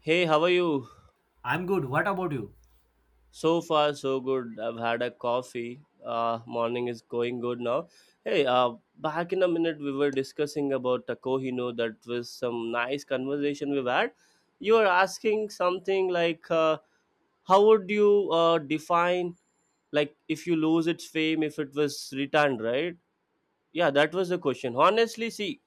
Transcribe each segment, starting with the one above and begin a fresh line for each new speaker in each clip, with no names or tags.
Hey, how are you?
I'm good. What about you?
So far, so good. I've had a coffee. Morning is going good now. Hey, back in a minute, we were discussing about a Kohino. That was some nice conversation we've had. You were asking something like, how would you define, like, if you lose its fame, if it was returned, right? Yeah, that was the question. Honestly, see,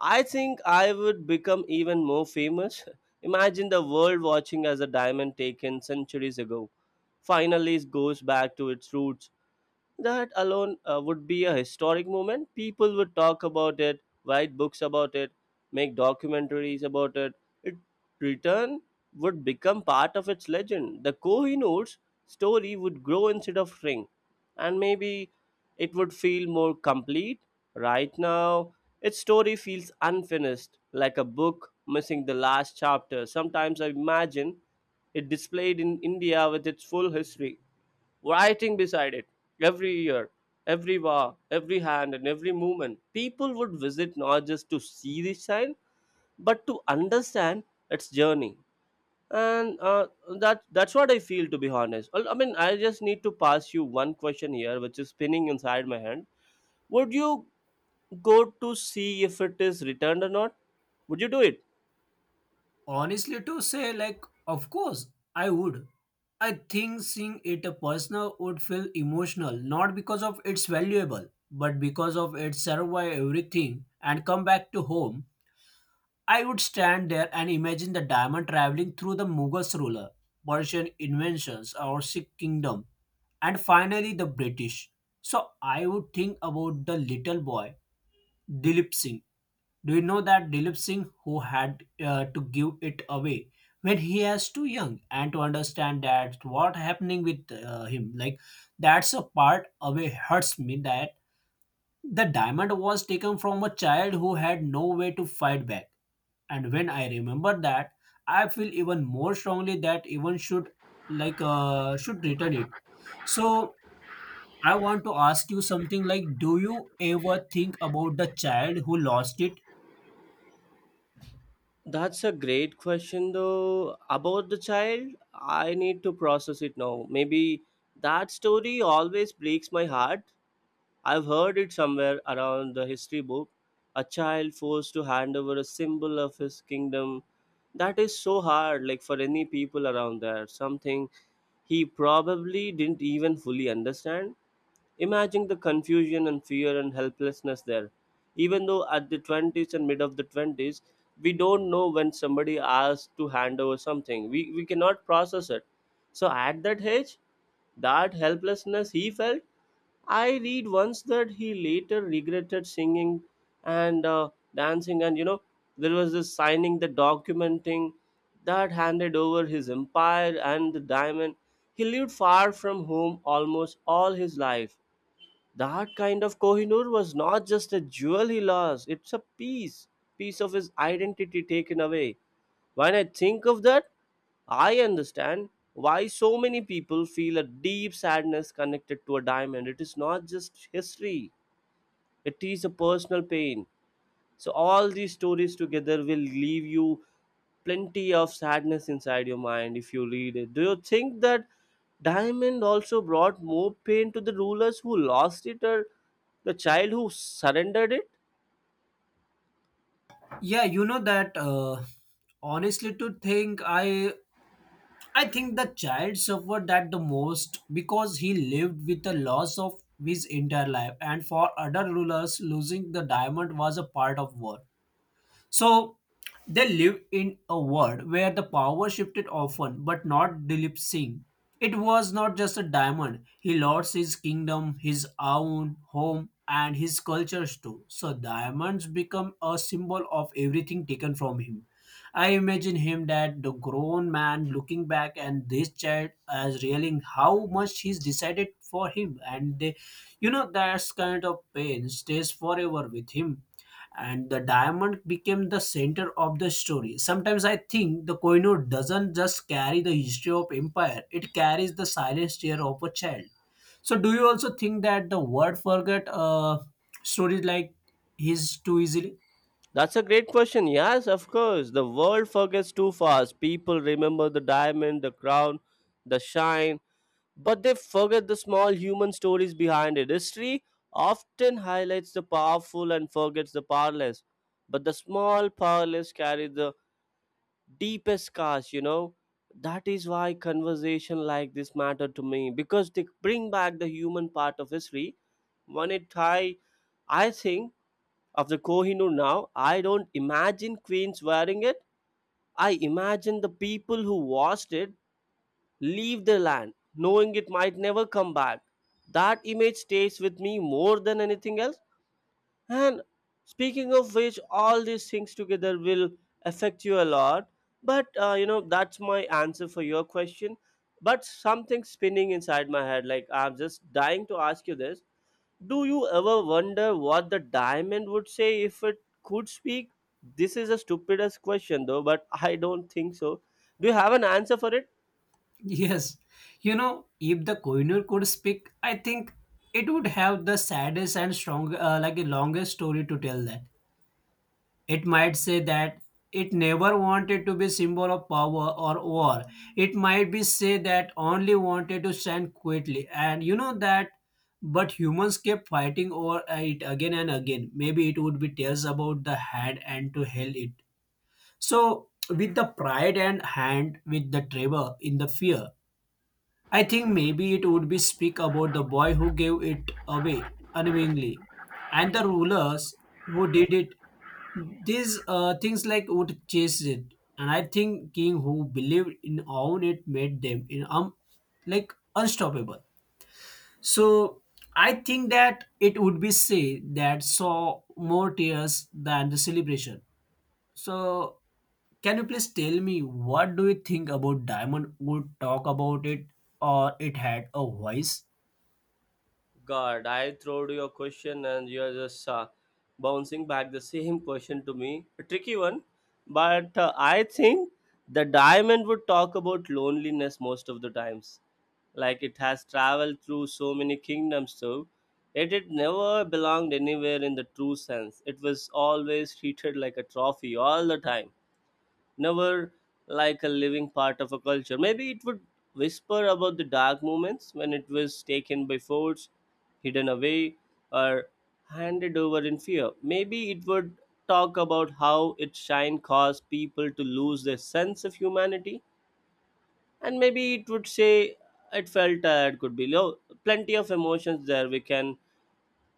I think I would become even more famous. Imagine the world watching as a diamond taken centuries ago finally goes back to its roots. That alone would be a historic moment. People would talk about it, write books about it, make documentaries about it. It return would become part of its legend. The Kohinoor's story would grow instead of shrink, and maybe it would feel more complete. Right now, its story feels unfinished, like a book missing the last chapter. Sometimes I imagine it displayed in India with its full history writing beside it every year, every war, every hand, and every movement. People would visit not just to see the sign, but to understand its journey. And that's what I feel, to be honest. Well, I mean, I just need to pass you one question here, which is spinning inside my head. Would you go to see if it is returned or not? Would you do it?
Honestly, to say, like, of course, I would. I think seeing it a personal would feel emotional, not because of its valuable, but because of its survive everything and come back to home. I would stand there and imagine the diamond traveling through the Mughals ruler, Persian inventions, or Sikh kingdom, and finally the British. So I would think about the little boy, Dilip Singh. Do you know that Dilip Singh, who had to give it away when he was too young, and to understand that what happening with him, like that's a part away hurts me that the diamond was taken from a child who had no way to fight back. And when I remember that, I feel even more strongly that even should like should return it. So I want to ask you something like, do you ever think about the child who lost it?
That's a great question, though. About the child, I need to process it now. Maybe that story always breaks my heart. I've heard it somewhere around the history book. A child forced to hand over a symbol of his kingdom. That is so hard, like for any people around there. Something he probably didn't even fully understand. Imagine the confusion and fear and helplessness there. Even though at the 20s and mid of the 20s, we don't know when somebody asks to hand over something. We cannot process it. So at that age, that helplessness he felt, I read once that he later regretted singing and dancing. And you know, there was this signing the documenting that handed over his empire and the diamond. He lived far from home almost all his life. That kind of Kohinoor was not just a jewel he lost, it's a piece, piece of his identity taken away. When I think of that, I understand why so many people feel a deep sadness connected to a diamond. It is not just history, it is a personal pain. So all these stories together will leave you plenty of sadness inside your mind if you read it. Do you think that Diamond also brought more pain to the rulers who lost it or the child who surrendered it?
Yeah, you know that honestly to think I think the child suffered that the most because he lived with the loss of his entire life, and for other rulers losing the diamond was a part of war. So they live in a world where the power shifted often, but not Dilip Singh. It was not just a diamond. He lost his kingdom, his own home, and his cultures too. So diamonds become a symbol of everything taken from him. I imagine him that the grown man looking back and this child as realizing how much he's decided for him, and they, you know, that kind of pain stays forever with him, and the diamond became the center of the story. Sometimes I think the Koinur doesn't just carry the history of empire, it carries the silent tear of a child. So do you also think that the word forget stories like his too easily?
That's a great question. Yes, of course. The world forgets too fast. People remember the diamond, the crown, the shine, but they forget the small human stories behind it. History often highlights the powerful and forgets the powerless, but the small powerless carry the deepest scars, you know. That is why conversation like this matter to me because they bring back the human part of history. When it I, I think of the Kohinoor now, I don't imagine queens wearing it. I imagine the people who watched it leave the land, knowing it might never come back. That image stays with me more than anything else. And speaking of which, all these things together will affect you a lot. But you know, that's my answer for your question. But something spinning inside my head, like I'm just dying to ask you this. Do you ever wonder what the diamond would say if it could speak? This is a stupidest question, though, but I don't think so. Do you have an answer for it?
Yes, you know, if the Koinur could speak, I think it would have the saddest and strong like a longest story to tell, that it might say that it never wanted to be symbol of power or war. It might be say that only wanted to stand quietly, and you know that, but humans kept fighting over it again and again. Maybe it would be tells about the hand and to held it, so with the pride and hand with the trevor in the fear. I think maybe it would be speak about the boy who gave it away unknowingly, and the rulers who did it. These things like would chase it, and I think king who believed in own it made them in like unstoppable. So I think that it would be say that saw more tears than the celebration. So can you please tell me what do you think about Diamond would talk about it, or it had a voice?
God, I throwed you a question and you are just bouncing back the same question to me. A tricky one, but I think the diamond would talk about loneliness most of the times. Like it has traveled through so many kingdoms, so it had never belonged anywhere in the true sense. It was always treated like a trophy all the time, never like a living part of a culture. Maybe it would whisper about the dark moments when it was taken by force, hidden away, or handed over in fear. Maybe it would talk about how its shine caused people to lose their sense of humanity, and maybe it would say it felt tired, could be low. Plenty of emotions there. We can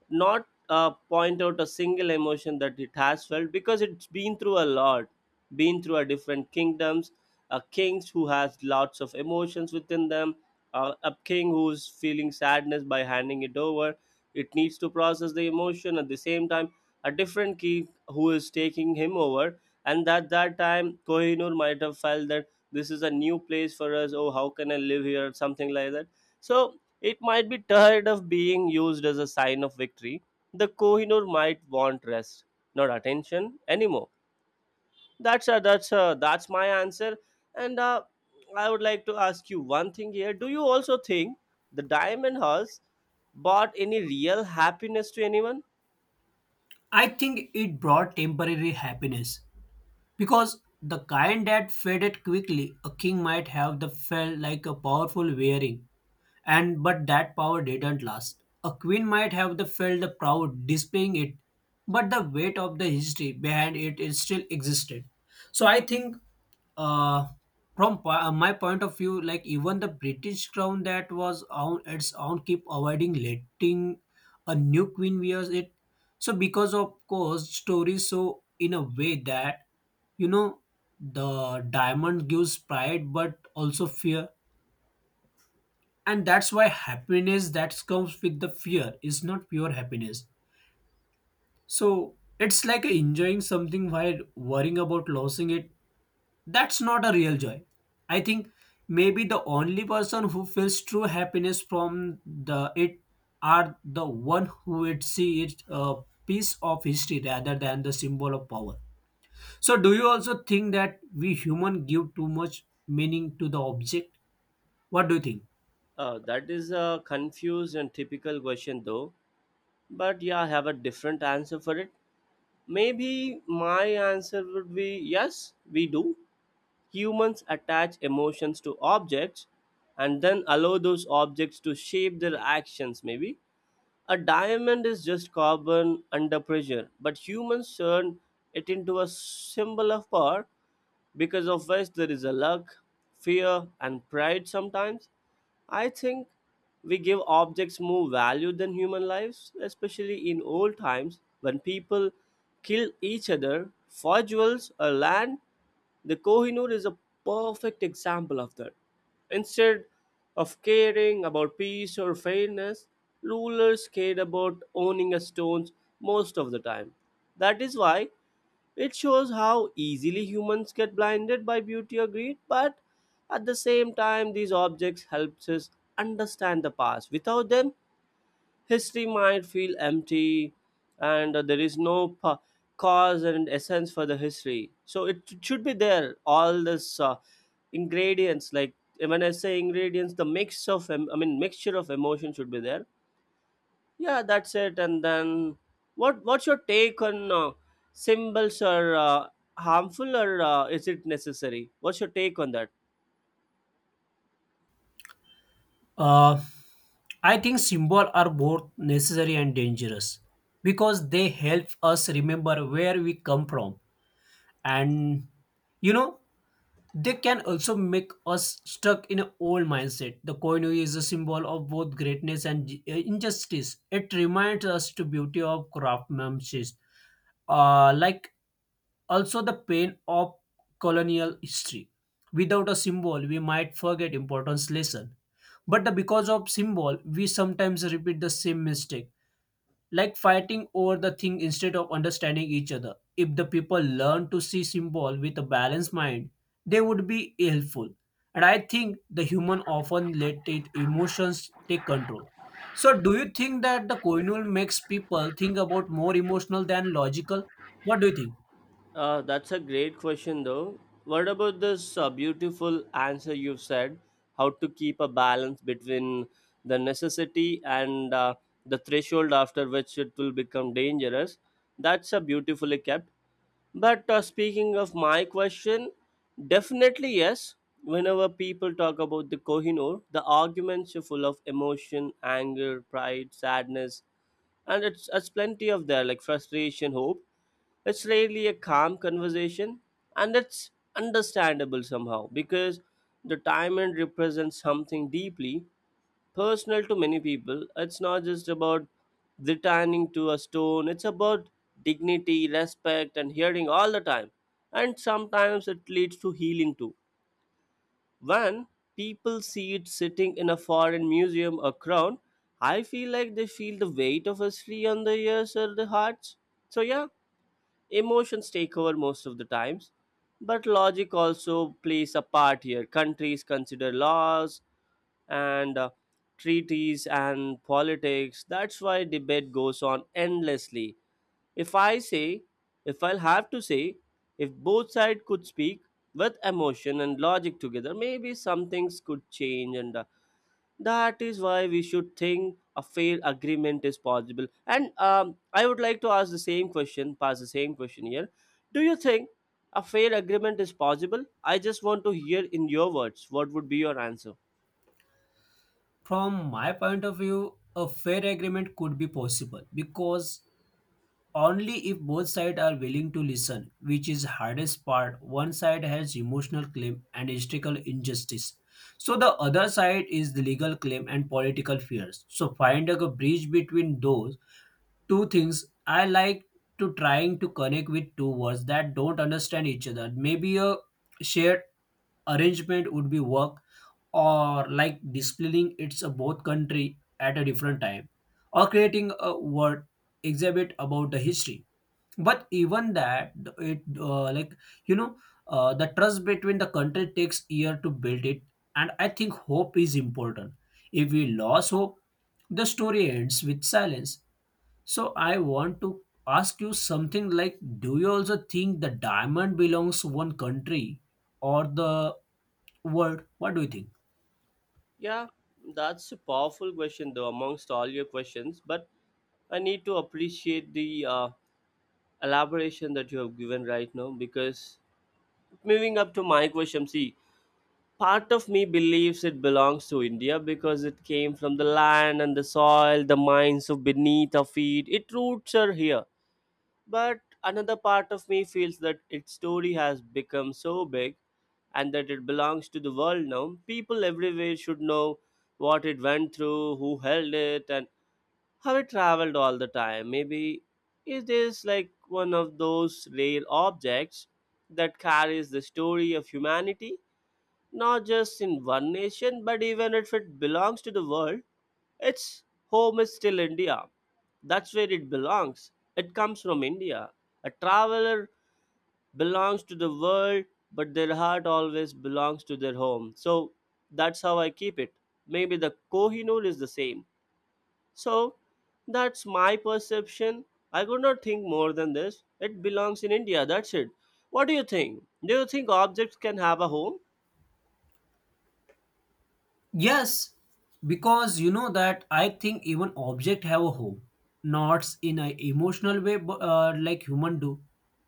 not point out a single emotion that it has felt because it's been through a lot, been through a different kingdoms, a kings who has lots of emotions within them, a king who's feeling sadness by handing it over. It needs to process the emotion at the same time, a different king who is taking him over, and at that time Kohinoor might have felt that this is a new place for us. Oh, how can I live here, something like that. So it might be tired of being used as a sign of victory. The Kohinoor might want rest, not attention anymore. That's my answer. And I would like to ask you one thing here. Do you also think the diamond horse brought any real happiness to anyone?
I think it brought temporary happiness, because the kind that faded quickly, a king might have the felt like a powerful wearing, and but that power didn't last. A queen might have the felt the proud displaying it, but the weight of the history behind it is still existed. So I think, uh from my point of view, like even the British crown that was on its own keep avoiding letting a new queen wears it. So because of course stories, so in a way that, you know, the diamond gives pride but also fear, and that's why happiness that comes with the fear is not pure happiness. So it's like enjoying something while worrying about losing it. That's not a real joy. I think maybe the only person who feels true happiness from the it are the one who would see it a piece of history rather than the symbol of power. So do you also think that we human give too much meaning to the object? What do you think?
That is a confused and typical question, though. But yeah, I have a different answer for it. Maybe my answer would be yes, we do. Humans attach emotions to objects and then allow those objects to shape their actions, maybe. A diamond is just carbon under pressure, but humans turn it into a symbol of power, because of which there is a luck, fear, and pride sometimes. I think we give objects more value than human lives, especially in old times when people killed each other for jewels or land. The Kohinoor is a perfect example of that. Instead of caring about peace or fairness, rulers cared about owning a stone most of the time. That is why it shows how easily humans get blinded by beauty or greed, but at the same time these objects helps us understand the past. Without them, history might feel empty and there is no cause and essence for the history. So it should be there, all this ingredients, like when I say ingredients, the I mean mixture of emotion should be there, yeah, that's it. And then, what's your take on symbols are harmful or is it necessary? What's your take on that?
uh I think symbols are both necessary and dangerous, because they help us remember where we come from, and you know, they can also make us stuck in an old mindset. The Koinu is a symbol of both greatness and injustice. It reminds us to beauty of craftsmanship, like also the pain of colonial history. Without a symbol we might forget important lesson, but the because of symbol, we sometimes repeat the same mistake, like fighting over the thing instead of understanding each other. If the people learn to see symbol with a balanced mind, they would be helpful. And I think the human often let it emotions take control. So do you think that the coinul makes people think about more emotional than logical? What do you think?
That's a great question, though. What about this beautiful answer you've said? How to keep a balance between the necessity and the threshold after which it will become dangerous. That's a beautifully kept. But speaking of my question, definitely yes. Whenever people talk about the Kohinoor, the arguments are full of emotion, anger, pride, sadness, and it's plenty of there like frustration, hope. It's really a calm conversation, and it's understandable somehow because the diamond represents something deeply personal to many people. It's not just about returning to a stone, it's about dignity, respect, and hearing all the time. And sometimes it leads to healing too, when people see it sitting in a foreign museum or crown, I feel like they feel the weight of history on their ears or their hearts. So, yeah, emotions take over most of the times, but logic also plays a part here. Countries consider laws and treaties and politics. That's why debate goes on endlessly. If I say, if I'll have to say, if both sides could speak with emotion and logic together, maybe some things could change, and that is why we should think a fair agreement is possible. And I would like to ask the same question, pass the same question here. Do you think a fair agreement is possible? I just want to hear in your words what would be your answer.
From my point of view, a fair agreement could be possible, because only if both sides are willing to listen, which is hardest part. One side has emotional claim and historical injustice. So the other side is the legal claim and political fears. So finding a bridge between those two things, I like to trying to connect with two words that don't understand each other. Maybe a shared arrangement would be work, or like displaying its both country at a different time, or creating a word exhibit about the history. But even that, it like, you know, the trust between the country takes year to build it. And I think hope is important. If we lose hope, the story ends with silence. So I want to ask you something like, do you also think the diamond belongs to one country or the world? What do you think?
Yeah, that's a powerful question, though, amongst all your questions. But I need to appreciate the elaboration that you have given right now, because moving up to my question, see, part of me believes it belongs to India because it came from the land and the soil, the mines of beneath our feet. Its roots are here. But another part of me feels that its story has become so big, and that it belongs to the world now. People everywhere should know what it went through, who held it, and how it traveled all the time. Maybe it is like one of those rare objects that carries the story of humanity not just in one nation, but even if it belongs to the world, its home is still India. That's where it belongs. It comes from India. A traveler belongs to the world, but their heart always belongs to their home. So that's how I keep it. Maybe the Kohinoor is the same. So that's my perception. I could not think more than this. It belongs in India. That's it. What do you think? Do you think objects can have a home?
Yes, because you know that I think even object have a home, not in an emotional way, like human do,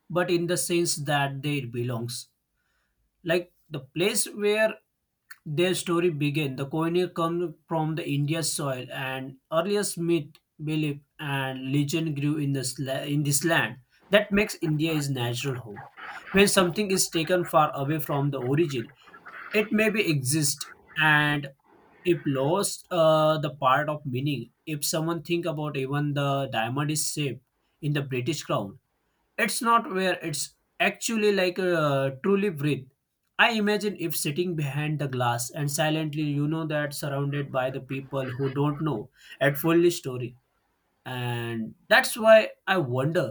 but in the sense that they belongs, like the place where their story began. The Koinur come from the India soil, and earliest myth, belief, and legend grew in in this land. That makes India is natural home. When something is taken far away from the origin, it may be exist, and if lost the part of meaning. If someone think about even the diamond is safe in the British crown, it's not where it's actually like truly breathe. I imagine if sitting behind the glass and silently, you know that, surrounded by the people who don't know at fully story, and that's why I wonder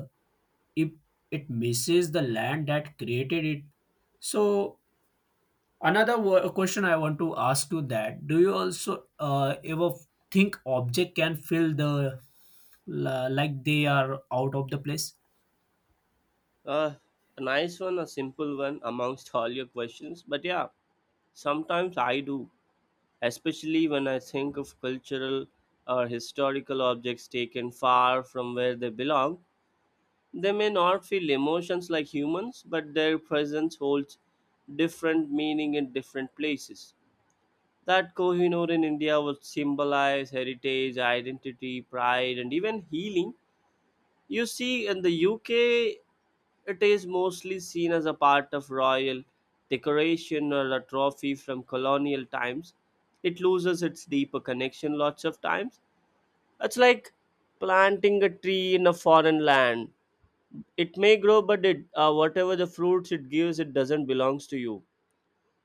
if it misses the land that created it. So another question I want to ask you, that do you also ever think object can feel the like they are out of the place?
Uh, a nice one, a simple one amongst all your questions. But yeah, sometimes I do, especially when I think of cultural or historical objects taken far from where they belong. They may not feel emotions like humans, but their presence holds different meaning in different places. That Kohinoor in India would symbolize heritage, identity, pride, and even healing. You see, in the UK, it is mostly seen as a part of royal decoration or a trophy from colonial times. It loses its deeper connection lots of times. It's like planting a tree in a foreign land. It may grow, but it, whatever the fruits it gives, it doesn't belongs to you.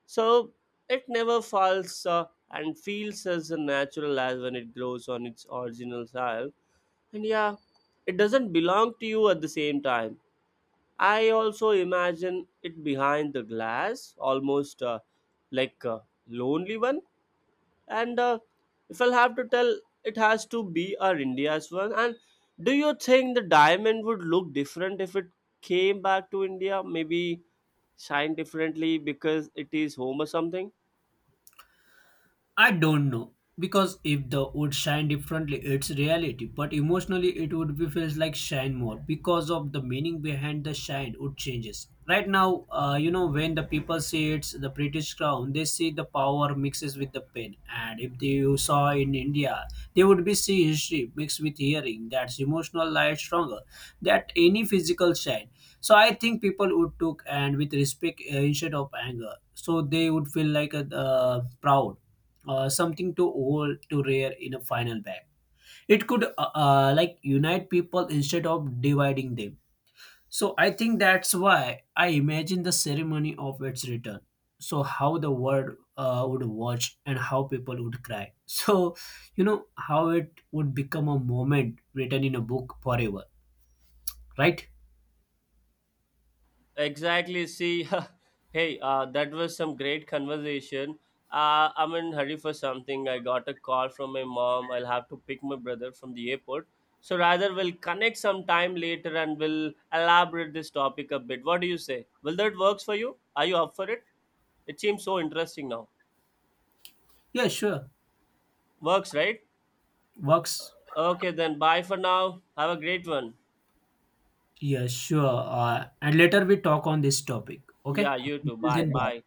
So it never falls and feels as natural as when it grows on its original soil. And yeah, it doesn't belong to you. At the same time, I also imagine it behind the glass, almost like a lonely one. And if I'll have to tell, it has to be our India's one. And do you think the diamond would look different if it came back to India? Maybe shine differently because it is home or something?
I don't know, because if the would shine differently, it's reality. But emotionally, it would be feels like shine more, because of the meaning behind the shine would changes. Right now, you know, when the people see it's the British crown, they see the power mixes with the pain. And if they you saw in India, they would be see history mixed with hearing. That's emotional light stronger that any physical shine. So I think people would took and with respect, instead of anger, so they would feel like a proud, something to hold to rare in a final bag. It could, like unite people instead of dividing them. So I think that's why I imagine the ceremony of its return, so how the world would watch and how people would cry. So you know how it would become a moment written in a book forever, right?
Exactly. See, hey, that was some great conversation. I'm in hurry for something. I got a call from my mom. I'll have to pick my brother from the airport. So rather, we'll connect sometime later and we'll elaborate this topic a bit. What do you say? Will that works for you? Are you up for it? It seems so interesting now.
Yeah, sure,
Works, right?
works.
Okay, then bye for now. Have a great one.
Yeah, sure. And later we talk on this topic.
Yeah,
Okay.
you too.
Until
Bye.
then, bye.
Bye.